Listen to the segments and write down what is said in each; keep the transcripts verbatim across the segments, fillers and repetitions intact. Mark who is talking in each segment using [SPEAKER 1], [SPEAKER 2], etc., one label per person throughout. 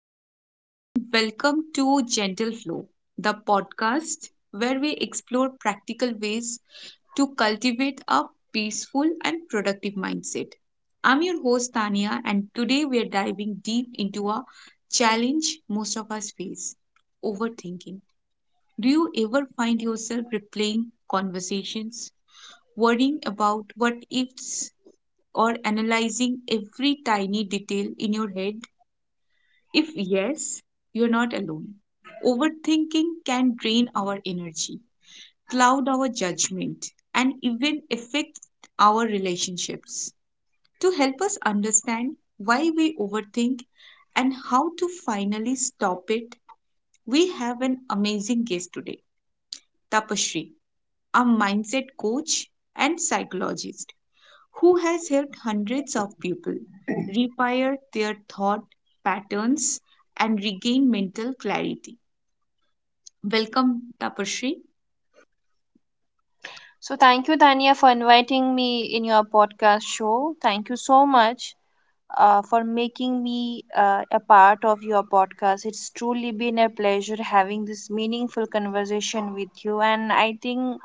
[SPEAKER 1] Hello, everyone. Welcome to Gentle Flow, the podcast where we explore practical ways to cultivate a peaceful and productive mindset. I'm your host, Tania, and today we are diving deep into a challenge most of us face: overthinking. Do you ever find yourself replaying conversations, worrying about what ifs, or analyzing every tiny detail in your head? If yes, you're not alone. Overthinking can drain our energy, cloud our judgment, and even affect our relationships. To help us understand why we overthink and how to finally stop it, we have an amazing guest today, Tapashri, a mindset coach and psychologist who has helped hundreds of people rewire their thought patterns and regain mental clarity. Welcome, Tapashri.
[SPEAKER 2] So, thank you, Tanya, for inviting me in your podcast show. Thank you so much uh, for making me uh, a part of your podcast. It's truly been a pleasure having this meaningful conversation with you. And I think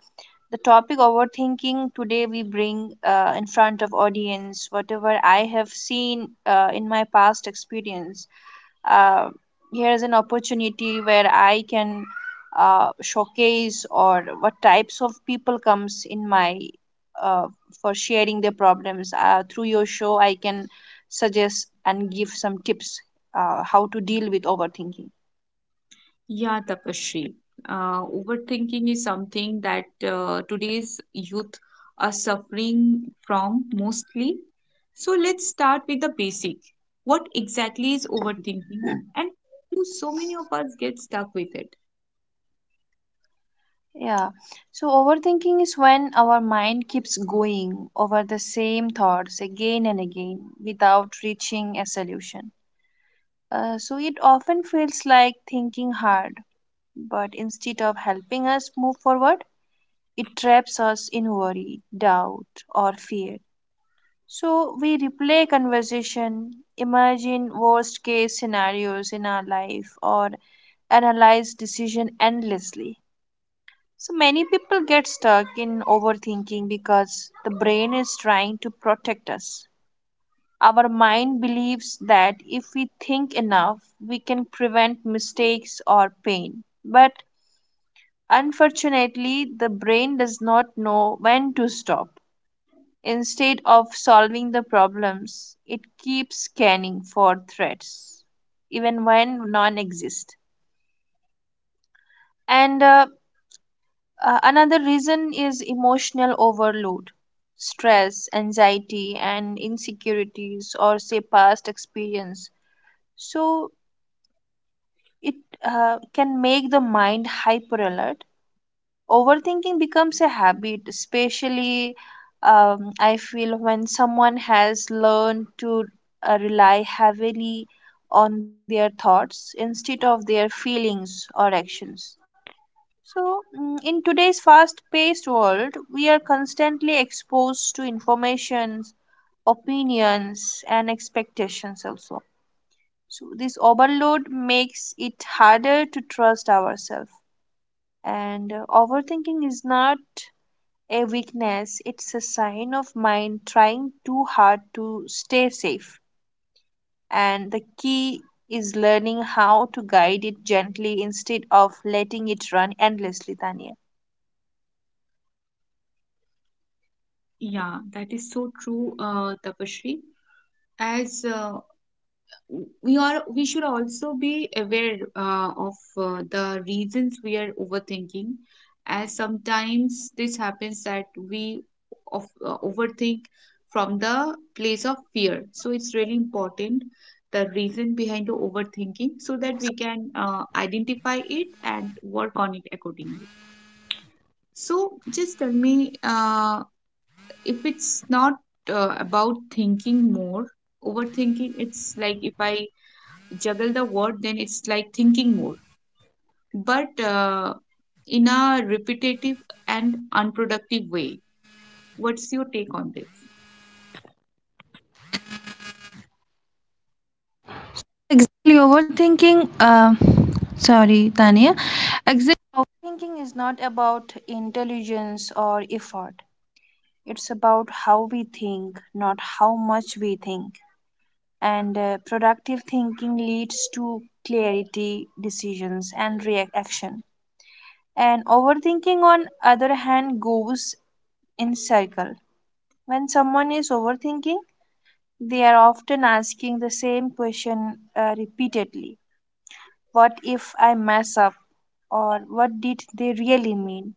[SPEAKER 2] the topic overthinking today we bring uh, in front of audience whatever I have seen uh, in my past experience uh, here is an opportunity where I can uh, showcase or what types of people comes in my uh, for sharing their problems uh, through your show I can suggest and give some tips uh, how to deal with overthinking.
[SPEAKER 1] Yeah, Tapashri. Uh, overthinking is something that uh, today's youth are suffering from mostly. So let's start with the basic. What exactly is overthinking, and do so many of us get stuck with it?
[SPEAKER 2] Yeah. So overthinking is when our mind keeps going over the same thoughts again and again without reaching a solution. Uh, so it often feels like thinking hard, but instead of helping us move forward, it traps us in worry, doubt, or fear. So we replay conversation, imagine worst case scenarios in our life, or analyze decision endlessly, so many people get stuck in overthinking because the brain is trying to protect us. Our mind believes that if we think enough, we can prevent mistakes or pain. But unfortunately, the brain does not know when to stop. Instead of solving the problems, it keeps scanning for threats, even when none exist. And uh, Uh, another reason is emotional overload. Stress, anxiety, and insecurities, or say past experience. So it uh, can make the mind hyper alert. Overthinking becomes a habit, especially um, I feel when someone has learned to uh, rely heavily on their thoughts instead of their feelings or actions. So, mm, in today's fast paced world, we are constantly exposed to informations, opinions, and expectations also. So, this overload makes it harder to trust ourselves. And uh, overthinking is not a weakness, it's a sign of mind trying too hard to stay safe. And the key is learning how to guide it gently instead of letting it run endlessly, Tanya.
[SPEAKER 1] Yeah, that is so true, uh, Tapashri. As uh, we are we should also be aware uh, of uh, the reasons we are overthinking, as sometimes this happens that we of, uh, overthink from the place of fear. So it's really important the reason behind the overthinking so that we can uh, identify it and work on it accordingly. So just tell me, uh, if it's not uh, about thinking more, overthinking, it's like if I juggle the word, then it's like thinking more, but uh, in a repetitive and unproductive way. What's your take on this?
[SPEAKER 2] Thought. It's about how we think, not how much we think. And uh, productive thinking leads to clarity, decisions, and reaction. And overthinking, on other hand, goes in circle. When someone is overthinking, they are often asking the same question uh, repeatedly. What if I mess up? Or what did they really mean?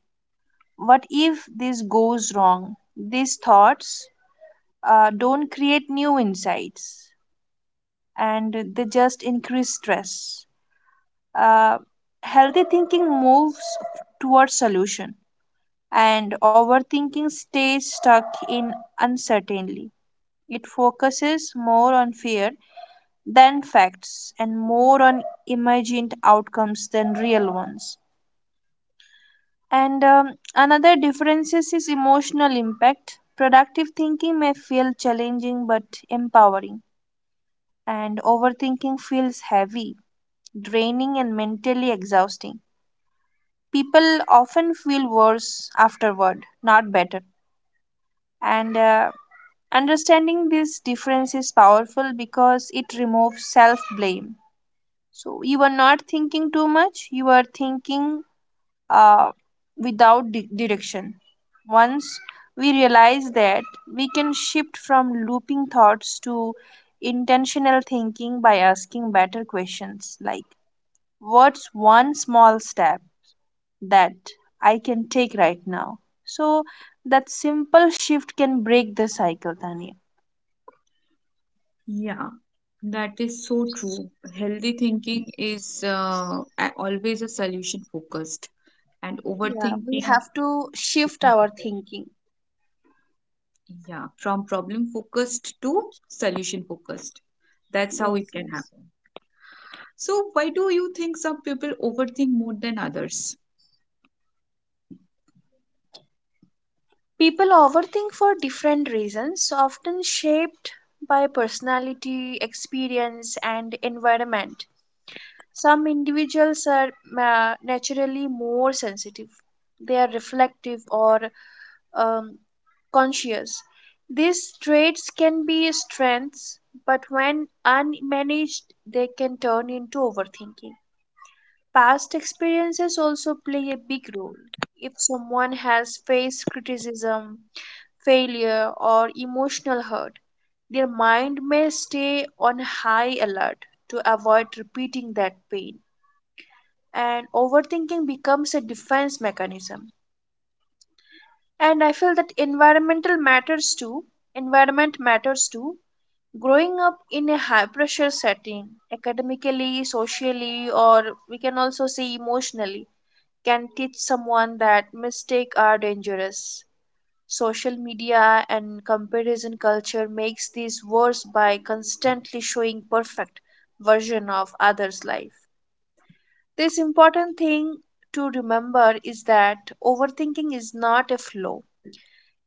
[SPEAKER 2] What if this goes wrong? These thoughts uh, don't create new insights and they just increase stress. Uh, Healthy thinking moves towards solution and overthinking stays stuck in uncertainty. It focuses more on fear than facts and more on imagined outcomes than real ones. And um, another difference is is emotional impact. Productive thinking may feel challenging but empowering, and overthinking feels heavy, draining, and mentally exhausting. People often feel worse afterward, not better. And uh, understanding this difference is powerful because it removes self blame. So you are not thinking too much, you are thinking uh, without di- direction. Once we realize that, we can shift from looping thoughts to intentional thinking by asking better questions like, what's one small step that I can take right now? So that simple shift can break the cycle, Tanya.
[SPEAKER 1] Yeah, that is so true. Healthy thinking is uh, a- always a solution focused, and
[SPEAKER 2] Yeah, we
[SPEAKER 1] overthinking,
[SPEAKER 2] have to shift our thinking.
[SPEAKER 1] yeah, from problem focused to solution focused. That's how
[SPEAKER 2] Yes,
[SPEAKER 1] it can
[SPEAKER 2] yes.
[SPEAKER 1] happen. So, why do you think some people overthink more than others?
[SPEAKER 2] People overthink for different reasons, often shaped by personality, experience, and environment. Some individuals are uh, naturally more sensitive. They are reflective or um, conscious. These traits can be strengths, but when unmanaged, they can turn into overthinking. Past experiences also play a big role. If someone has faced criticism, failure, or emotional hurt, their mind may stay on high alert to avoid repeating that pain. And overthinking becomes a defense mechanism, and I feel that environmental matters too environment matters too. Growing up in a high pressure setting academically, socially, or we can also say emotionally, can teach someone that mistakes are dangerous. Social media and comparison culture makes this worse by constantly showing perfect version of others life. This important thing to remember is that overthinking is not a flaw,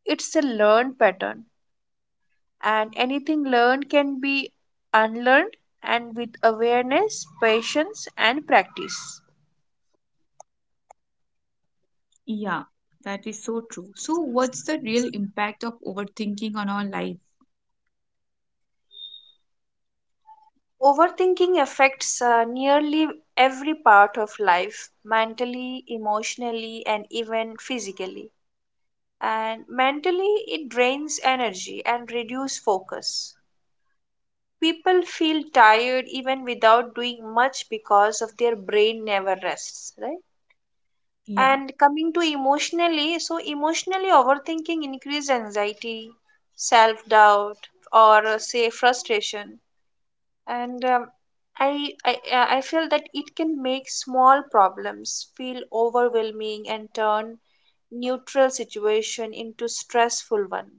[SPEAKER 2] it's a learned pattern, and anything learned can be unlearned, and with awareness, patience, and practice.
[SPEAKER 1] Yeah, that is so true. So, what's the real impact of overthinking on our life?
[SPEAKER 2] Overthinking affects uh, nearly every part of life, mentally, emotionally, and even physically. And mentally, it drains energy and reduces focus. People feel tired even without doing much because of their brain never rests, right?
[SPEAKER 1] Yeah,
[SPEAKER 2] And coming to emotionally, so emotionally overthinking increase anxiety, self doubt, or uh, say frustration. And um, I, I uh, I feel that it can make small problems feel overwhelming and turn neutral situation into stressful one.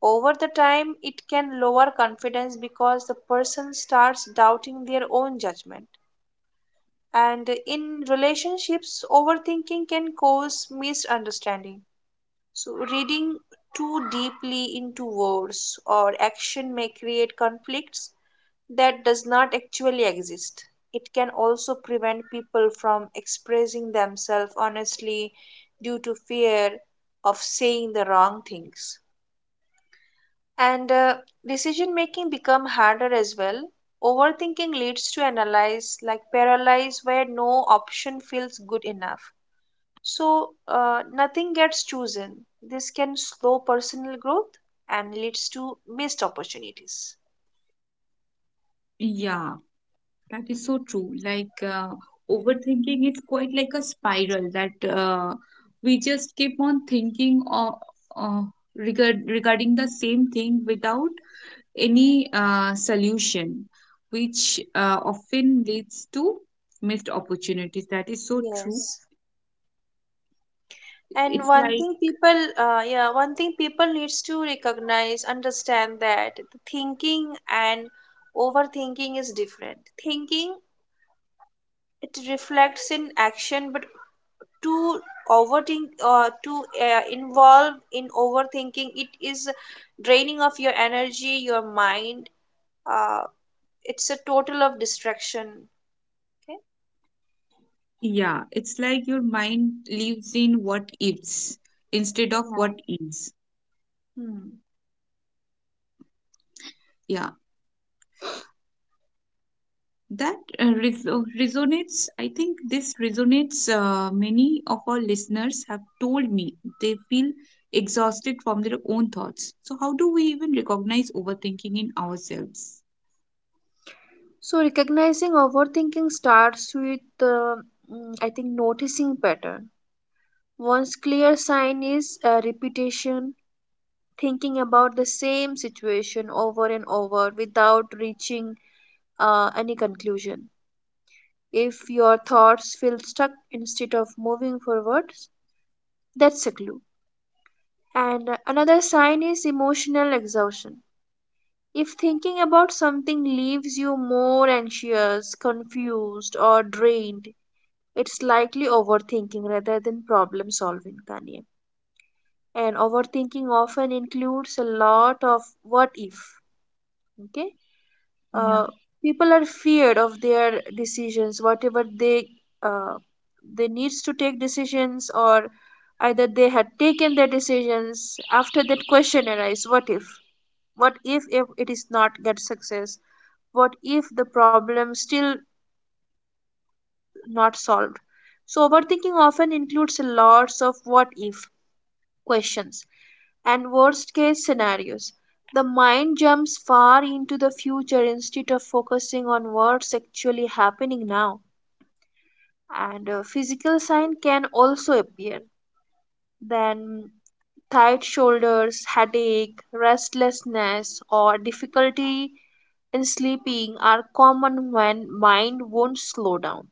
[SPEAKER 2] Over the time, it can lower confidence because the person starts doubting their own judgment, and in relationships overthinking can cause misunderstanding. So reading too deeply into words or action may create conflicts that does not actually exist. It can also prevent people from expressing themselves honestly due to fear of saying the wrong things. And uh, decision making become harder as well. Overthinking leads to analyze like paralyze where no option feels good enough, so uh, nothing gets chosen. This can slow personal growth and leads to missed opportunities.
[SPEAKER 1] yeah, that is so true. Like, uh, overthinking is quite like a spiral that uh, we just keep on thinking or uh, regard regarding the same thing without any uh, solution, which uh, often leads to missed opportunities. That is so true.
[SPEAKER 2] Yes. And
[SPEAKER 1] It's
[SPEAKER 2] one
[SPEAKER 1] like...
[SPEAKER 2] thing people, uh, yeah, one thing people needs to recognize, understand that the thinking and overthinking is different. Thinking, it reflects in action, but to overthink uh, to uh, involve in overthinking it is draining of your energy, your mind. uh, it's a total of distraction. Okay.
[SPEAKER 1] Yeah, it's like your mind lives in what ifs instead of
[SPEAKER 2] Yeah.
[SPEAKER 1] what is.
[SPEAKER 2] Hmm.
[SPEAKER 1] Yeah, that uh, res- uh, resonates. I think this resonates. Uh, many of our listeners have told me they feel exhausted from their own thoughts. So, how do we even recognize overthinking in ourselves?
[SPEAKER 2] So recognizing overthinking starts with, uh, mm, I think, noticing pattern. One's clear sign is uh, repetition, thinking about the same situation over and over without reaching uh, any conclusion. If your thoughts feel stuck instead of moving forward, that's a clue. And uh, another sign is emotional exhaustion. If thinking about something leaves you more anxious, confused, or drained, it's likely overthinking rather than problem solving, Tanya. And overthinking often includes a lot of what if. Okay,
[SPEAKER 1] Yeah,
[SPEAKER 2] uh, people are feared of their decisions whatever they uh, they needs to take decisions, or either they had taken their decisions, after that question arises, what if? What if if it is not get success? What if the problem still not solved? So overthinking often includes lots of what if questions and worst case scenarios. The mind jumps far into the future instead of focusing on what's actually happening now. And a physical sign can also appear. Then tight shoulders, headache, restlessness, or difficulty in sleeping are common when mind won't slow down.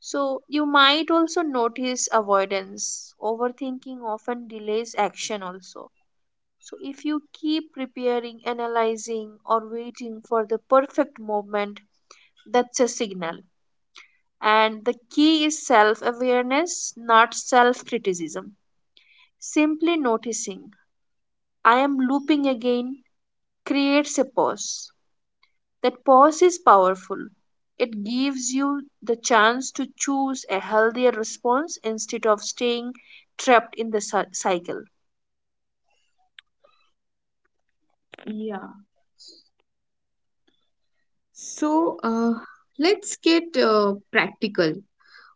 [SPEAKER 2] So you might also notice avoidance. Overthinking often delays action also. So, if you keep preparing, analyzing, or waiting for the perfect moment, that's a signal. And the key is self awareness, not self criticism. Simply noticing, I am looping again, creates a pause. That pause is powerful. It gives you the chance to choose a healthier response instead of staying trapped in the cy- cycle.
[SPEAKER 1] yeah. So, uh, let's get uh, practical.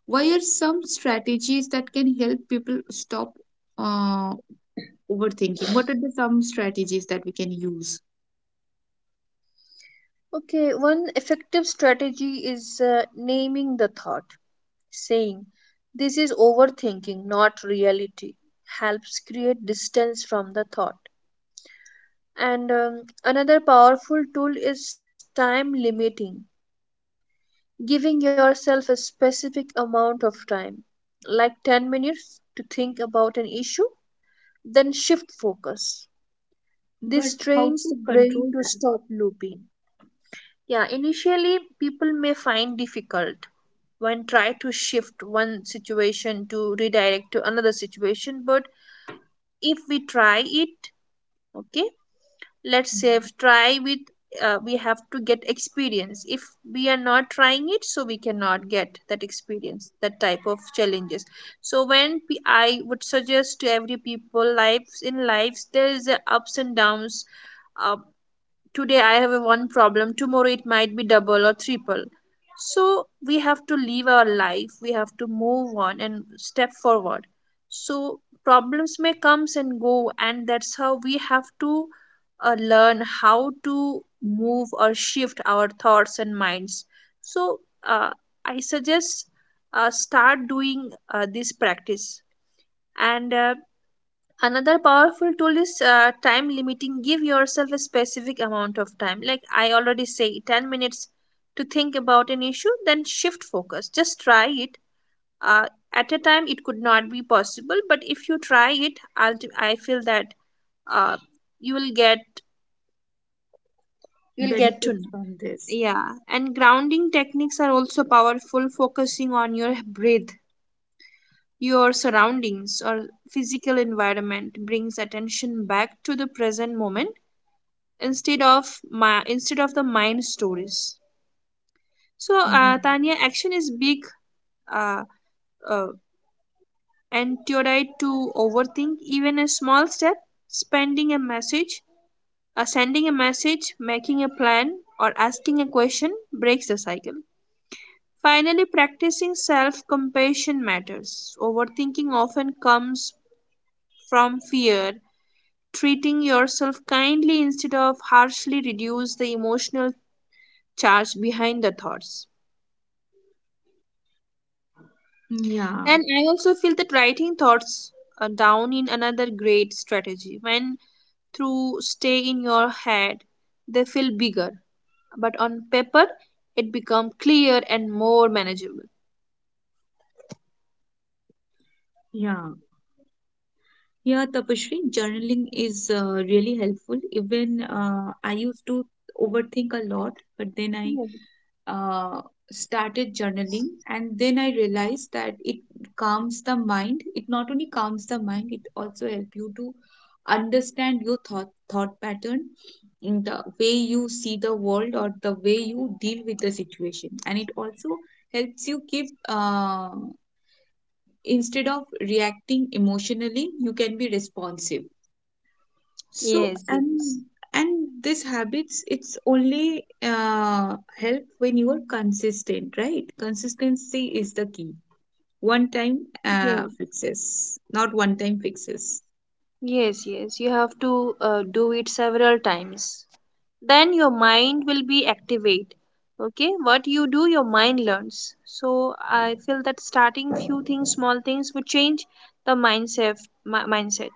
[SPEAKER 1] Why are some strategies that can help people stop uh, overthinking? What are the some strategies that we can use?
[SPEAKER 2] Okay, one effective strategy is uh, naming the thought. Saying, this is overthinking, not reality, helps create distance from the thought. And um, another powerful tool is time limiting, giving yourself a specific amount of time, like minutes to think about an issue, then shift focus.
[SPEAKER 1] But
[SPEAKER 2] This
[SPEAKER 1] how
[SPEAKER 2] trains the
[SPEAKER 1] to
[SPEAKER 2] brain
[SPEAKER 1] control
[SPEAKER 2] to
[SPEAKER 1] that?
[SPEAKER 2] stop looping. Yeah, initially people may find difficult when try to shift one situation to redirect to another situation, but if we try it, okay, let's say
[SPEAKER 1] Mm,
[SPEAKER 2] try with, uh, we have to get experience. If we are not trying it, so we cannot get that experience, that type of challenges. So when, I would suggest to every people, lives in lives there is a ups and downs. uh, Today I have a one problem, tomorrow it might be double or triple. So we have to live our life, we have to move on and step forward. So problems may comes and go, and that's how we have to uh, learn how to move or shift our thoughts and minds. So uh, I suggest uh, start doing uh, this practice. And uh, another powerful tool is uh, time limiting. Give yourself a specific amount of time, like I already say, ten minutes to think about an issue, then shift focus. Just try it. uh, at a time it could not be possible, but if you try it ulti- I feel that uh, you will get you will get to
[SPEAKER 1] benefits
[SPEAKER 2] know.
[SPEAKER 1] from this?
[SPEAKER 2] Yeah. And grounding techniques are also powerful, focusing on your breath, your surroundings, or physical environment brings attention back to the present moment instead of my instead of the mind stories. So
[SPEAKER 1] Yeah.
[SPEAKER 2] uh, Tanya, action is big uh, uh, antidote to overthink. Even a small step, spending a message, uh, sending a message, making a plan, or asking a question breaks the cycle. Finally, practicing self-compassion matters. Overthinking often comes from fear. Treating yourself kindly instead of harshly reduce the emotional charge behind the thoughts.
[SPEAKER 1] Yeah,
[SPEAKER 2] And I also feel that writing thoughts uh, down in another great strategy. When through stay in your head, they feel bigger, but on paper, it become clear and more manageable.
[SPEAKER 1] yeah. Yeah, Tapashri, journaling is uh, really helpful. Even uh, I used to overthink a lot, but then I, uh, started journaling, and then I realized that it calms the mind. It not only calms the mind, it also helps you to understand your thought thought pattern, in the way you see the world or the way you deal with the situation. And it also helps you keep, uh, instead of reacting emotionally, you can be responsive. So,
[SPEAKER 2] Yes. Yes, yes.
[SPEAKER 1] and and this habits, it's only uh, help when you are consistent, right? Consistency is the key. One time uh,
[SPEAKER 2] Yes,
[SPEAKER 1] fixes, not one time fixes.
[SPEAKER 2] yes, yes. You have to uh, do it several times. Then your mind will be activate. Okay, what you do, your mind learns. So I feel that starting few things, small things, would change the mindset. Mi- mindset.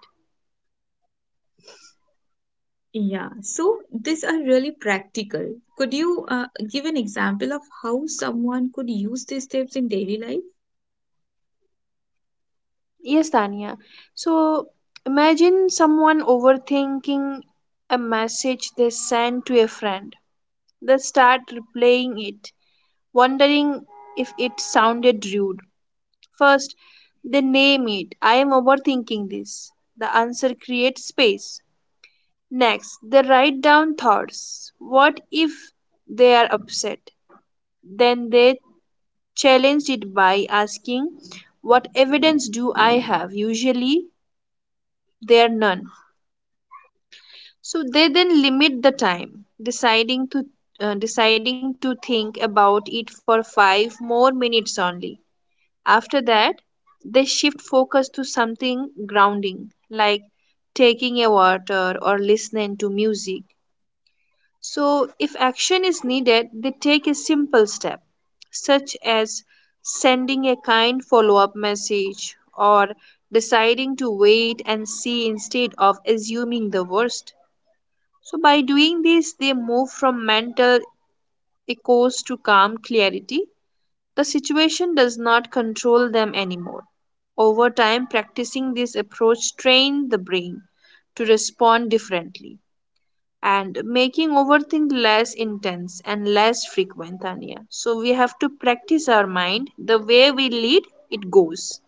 [SPEAKER 1] Yeah. So these are really practical. Could you uh, give an example of how someone could use these tips in daily life?
[SPEAKER 2] Yes, Tanya. So imagine someone overthinking a message they sent to a friend. They start replaying it, wondering if it sounded rude. First, they name it. I am overthinking this. The answer creates space. Next, they write down thoughts. What if they are upset? Then they challenge it by asking, what evidence do I have? Usually, there are none. So they then limit the time, deciding to uh, deciding to think about it for five more minutes only. After that, they shift focus to something grounding like taking a water or listening to music. So if action is needed, they take a simple step such as sending a kind follow-up message or deciding to wait and see instead of assuming the worst. So, by doing this, they move from mental echoes to calm clarity. The situation does not control them anymore. Over time, practicing this approach trained the brain to respond differently and making overthink less intense and less frequent, Tanya. So, we have to practice our mind the way we lead, it goes.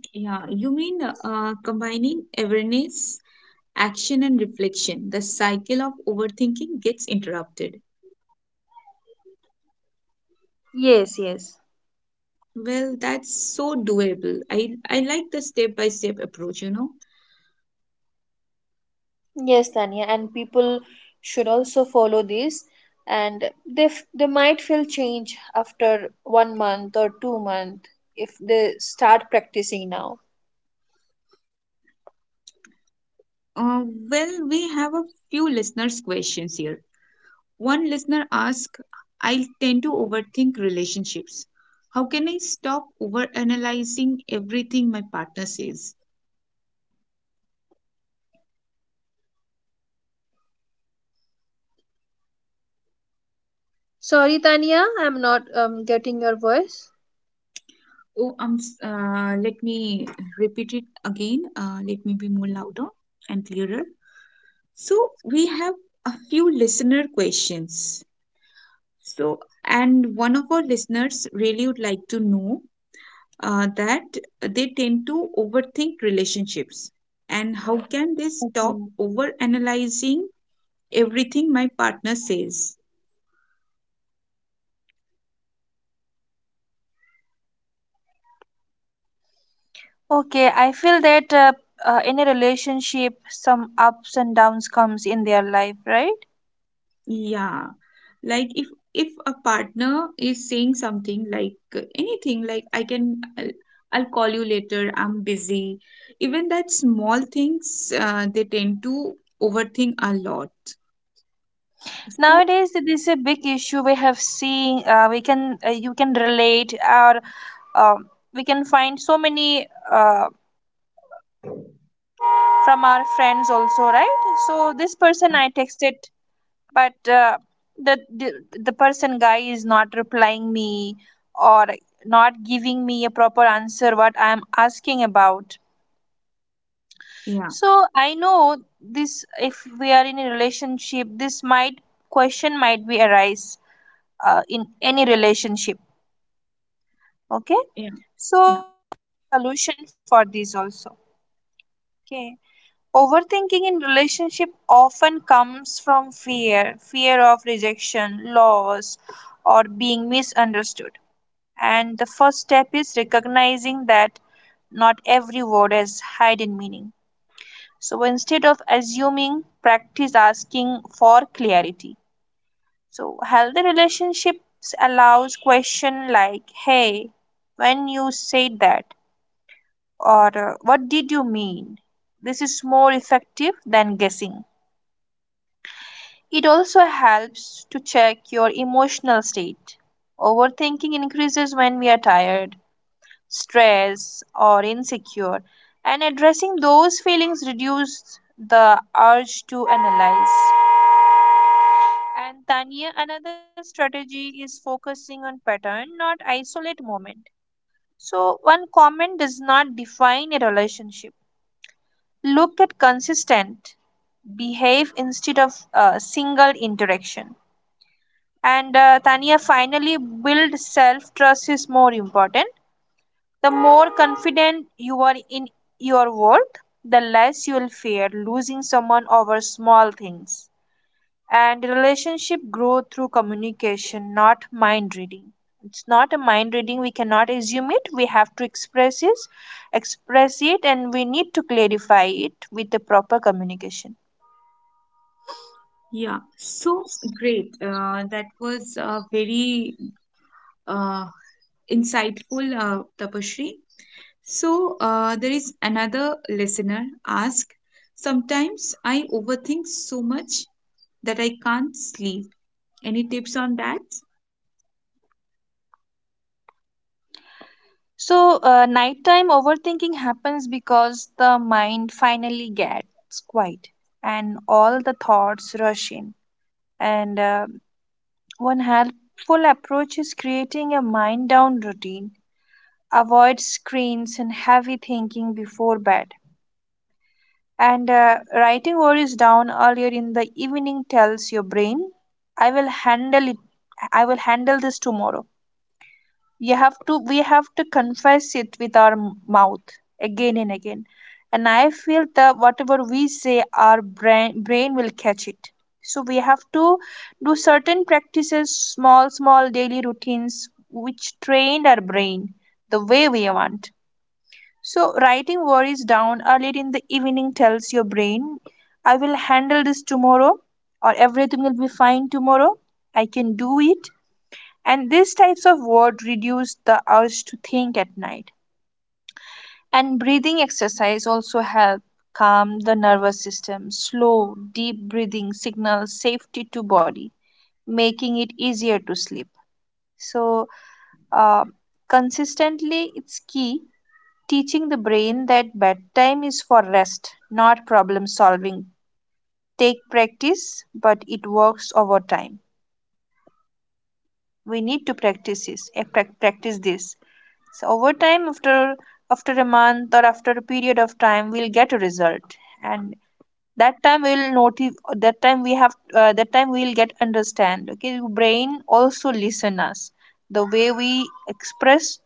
[SPEAKER 1] Yeah, you mean uh, combining awareness, action, and reflection. The cycle of overthinking gets interrupted.
[SPEAKER 2] Yes, yes.
[SPEAKER 1] Well, that's so doable. I, I like the step by step approach, you know.
[SPEAKER 2] Yes, Tanya, and people should also follow this, and they f- they might feel change after one month or two month if they start practicing now.
[SPEAKER 1] Uh, well, we have a few listeners' questions here. One listener asks, I tend to overthink relationships. How can I stop overanalyzing everything my partner says?
[SPEAKER 2] Sorry, Tanya, I'm not um, getting your voice.
[SPEAKER 1] Oh, um, s- uh, let me repeat it again. Uh, let me be more louder and clearer. So, we have a few listener questions. So, and one of our listeners really would like to know uh, that they tend to overthink relationships, and how can they
[SPEAKER 2] Mhm.
[SPEAKER 1] stop overanalyzing everything my partner says?
[SPEAKER 2] Okay, I feel that uh, uh, in a relationship, some ups and downs comes in their life, right?
[SPEAKER 1] Yeah, like if if a partner is saying something like uh, anything like I can I'll, I'll call you later, I'm busy. Even that small things, uh, they tend to overthink a lot. So
[SPEAKER 2] Nowadays, this is a big issue we have seen. Uh, we can uh, you can relate, or um we can find so many uh, from our friends also, right? So this person
[SPEAKER 1] yeah,
[SPEAKER 2] I texted, but uh, the, the the person guy is not replying me or not giving me a proper answer what I am asking about.
[SPEAKER 1] yeah,
[SPEAKER 2] So I know this, if we are in a relationship this might question might be arise uh, in any relationship. Okay,
[SPEAKER 1] yeah.
[SPEAKER 2] so
[SPEAKER 1] Yeah.
[SPEAKER 2] solution for this also. Okay. Overthinking in relationship often comes from fear, fear of rejection, loss, or being misunderstood. And the first step is that not every word has hidden meaning. So instead of assuming, practice asking for clarity. So healthy relationships allows question like, "Hey, when you said that," or uh, "What did you mean?" This is more effective than guessing. It also helps to check your emotional state. Overthinking increases when we are tired, stressed, or insecure, and addressing those feelings reduces the urge to analyze. And Tanya, another strategy is focusing on pattern, not isolate moment. So one comment does not define a relationship. Look at consistent behave instead of a single interaction, and uh, Tanya, finally, build self trust is more important. The more confident you are in your work, the less you will fear losing someone over small things, and relationship grow through communication, not mind reading. It's not a mind reading, we cannot assume it, we have to express it. Express it, and we need to clarify it with the proper communication.
[SPEAKER 1] Yeah, so great. Uh, that was uh, very uh, insightful, uh, Tapashri. So, uh, there is another listener ask, sometimes I overthink so much that I can't sleep. Any tips on that?
[SPEAKER 2] So, uh, nighttime overthinking happens because the mind finally gets quiet and all the thoughts rush in. And uh, one helpful approach is creating a mind down routine. Avoid screens and heavy thinking before bed. And uh, writing worries down earlier in the evening tells your brain, I will handle it, I will handle this tomorrow. You have to, we have to confess it with our m- mouth again and again. And I feel that whatever we say, our brain brain will catch it. So we have to do certain practices, small small daily routines which train our brain the way we want. So writing worries down early in the evening tells your brain, I will handle this tomorrow, or everything will be fine tomorrow, I can do it. And these types of work reduce the urge to think at night. And breathing exercise also help calm the nervous system. Slow, deep breathing signals safety to body, making it easier to sleep. So, uh, consistently, it's key, teaching the brain that bedtime is for rest, not problem solving. Take practice, but it works over time. We need to practice this. eh, Practice this. So over time, after after a month or after a period of time, we'll get a result, and that time we'll notice. That time we have. Uh, that time we'll get understand. Okay, your brain also listen us. The way we express,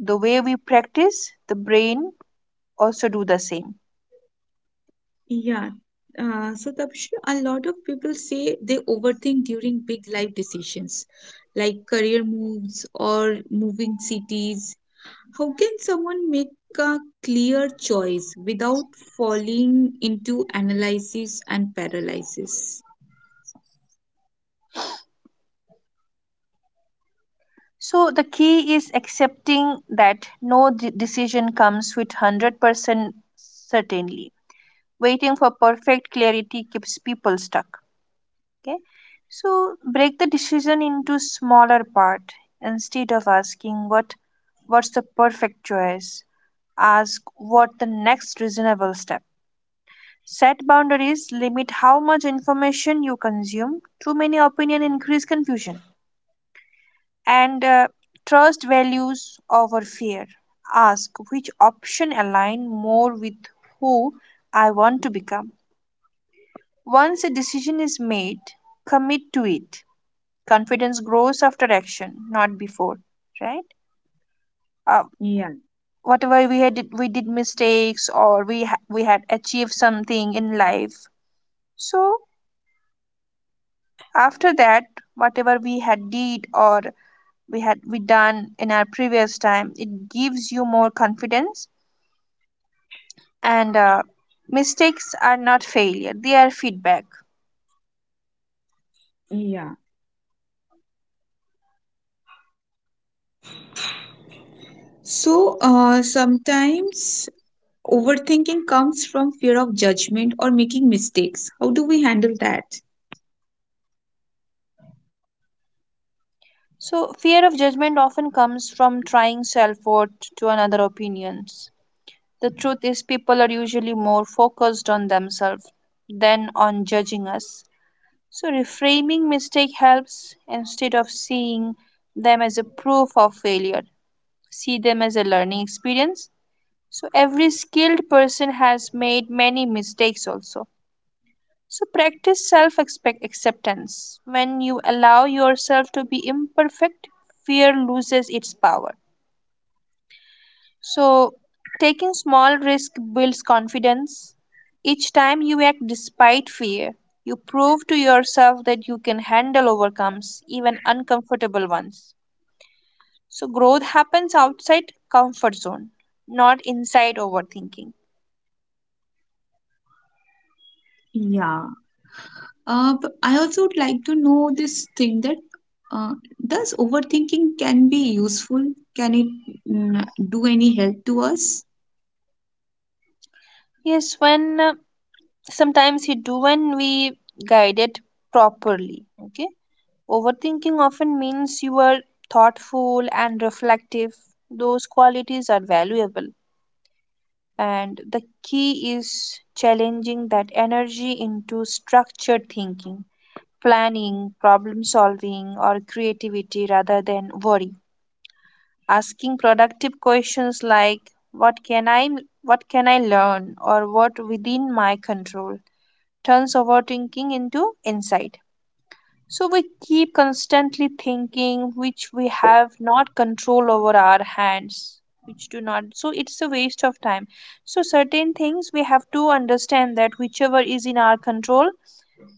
[SPEAKER 2] the way we practice, the brain also do the same.
[SPEAKER 1] Yeah. Uh, so Tapashri, a lot of people say they overthink during big life decisions like career moves or moving cities. How can someone make a clear choice without falling into analysis and paralysis?
[SPEAKER 2] So the key is accepting that no de- decision comes with one hundred percent certainty. Waiting for perfect clarity keeps people stuck. Okay, so break the decision into smaller part, instead of asking what what's the perfect choice. Ask what the next reasonable step. Set boundaries, limit how much information you consume. Too many opinion increase confusion. And uh, trust values over fear. Ask which option align more with who I want to become. Once a decision is made, commit to it. Confidence grows after action, not before, right? uh,
[SPEAKER 1] Yeah,
[SPEAKER 2] Whatever we had did, we did mistakes or we ha- we had achieved something in life. So after that, whatever we had did or we had we done in our previous time, it gives you more confidence. And uh, mistakes are not failure, they are feedback.
[SPEAKER 1] yeah. So, uh, sometimes overthinking comes from fear of judgment or making mistakes. How do we handle that?
[SPEAKER 2] So fear of judgment often comes from trying self worth to another opinions. The truth is, people are usually more focused on themselves than on judging us. So, reframing mistake helps, instead of seeing them as a proof of failure, see them as a learning experience. So, every skilled person has made many mistakes also. So, practice self acceptance. When you allow yourself to be imperfect, fear loses its power. So, taking small risk builds confidence. Each time you act despite fear, you prove to yourself that you can handle overcomes, even uncomfortable ones. So, growth happens outside comfort zone, not inside overthinking.
[SPEAKER 1] Yeah. Uh, but I also would like to know this thing that, uh, does overthinking can be useful? Can it, mm, do any help to us?
[SPEAKER 2] Yes, when uh, sometimes you do, when we guide it properly. Okay, overthinking often means you are thoughtful and reflective. Those qualities are valuable, and the key is challenging that energy into structured thinking, planning, problem solving, or creativity rather than worry. Asking productive questions like what can I what can I learn, or what within my control, turns overthinking into insight. So we keep constantly thinking, which we have not control over our hands, which do not. So it's a waste of time. So certain things we have to understand, that whichever is in our control,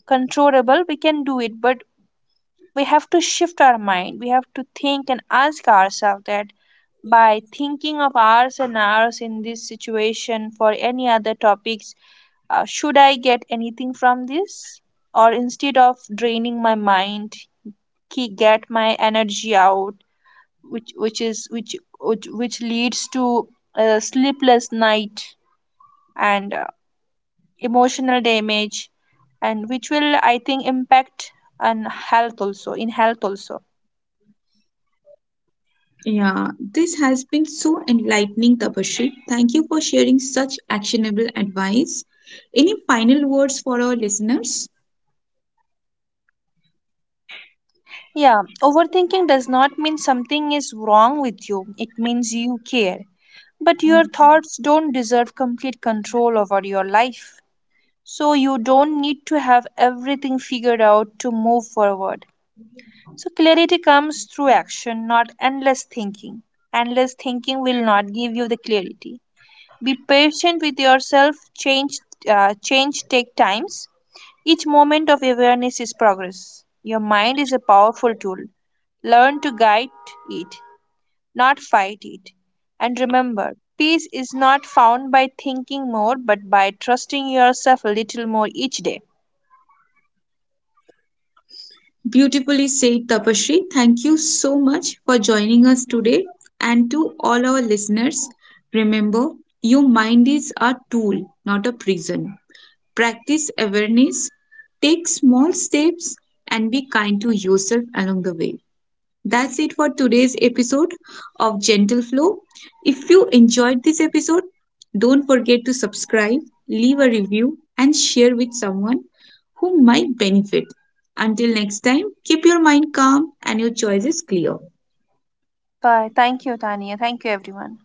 [SPEAKER 2] controllable, we can do it. But we have to shift our mind. We have to think and ask ourselves that by thinking of hours and hours in this situation for any other topics, uh, should I get anything from this? Or instead of draining my mind, ki- get my energy out, which which is which which, which leads to a sleepless night, and uh, emotional damage, and which will I think impact on health also, in health also.
[SPEAKER 1] Yeah, this has been so enlightening, Tapashri. Thank you for sharing such actionable advice. Any final words for our listeners?
[SPEAKER 2] Yeah, overthinking does not mean something is wrong with you, it means you care. But your thoughts don't deserve complete control over your life. So you don't need to have everything figured out to move forward. So clarity comes through action, not endless thinking. Endless thinking will not give you the clarity. Be patient with yourself. Change, uh, change take times. Each moment of awareness is progress. Your mind is a powerful tool. Learn to guide it, not fight it. And remember, peace is not found by thinking more, but by trusting yourself a little more each day.
[SPEAKER 1] Beautifully said, Tapashri. Thank you so much for joining us today. And to all our listeners, remember, your mind is a tool, not a prison. Practice awareness, take small steps, and be kind to yourself along the way. That's it for today's episode of Gentle Flow. If you enjoyed this episode, don't forget to subscribe, leave a review, and share with someone who might benefit. Until next time, keep your mind calm and your choices clear.
[SPEAKER 2] Bye. Thank you, Tania. Thank you, everyone.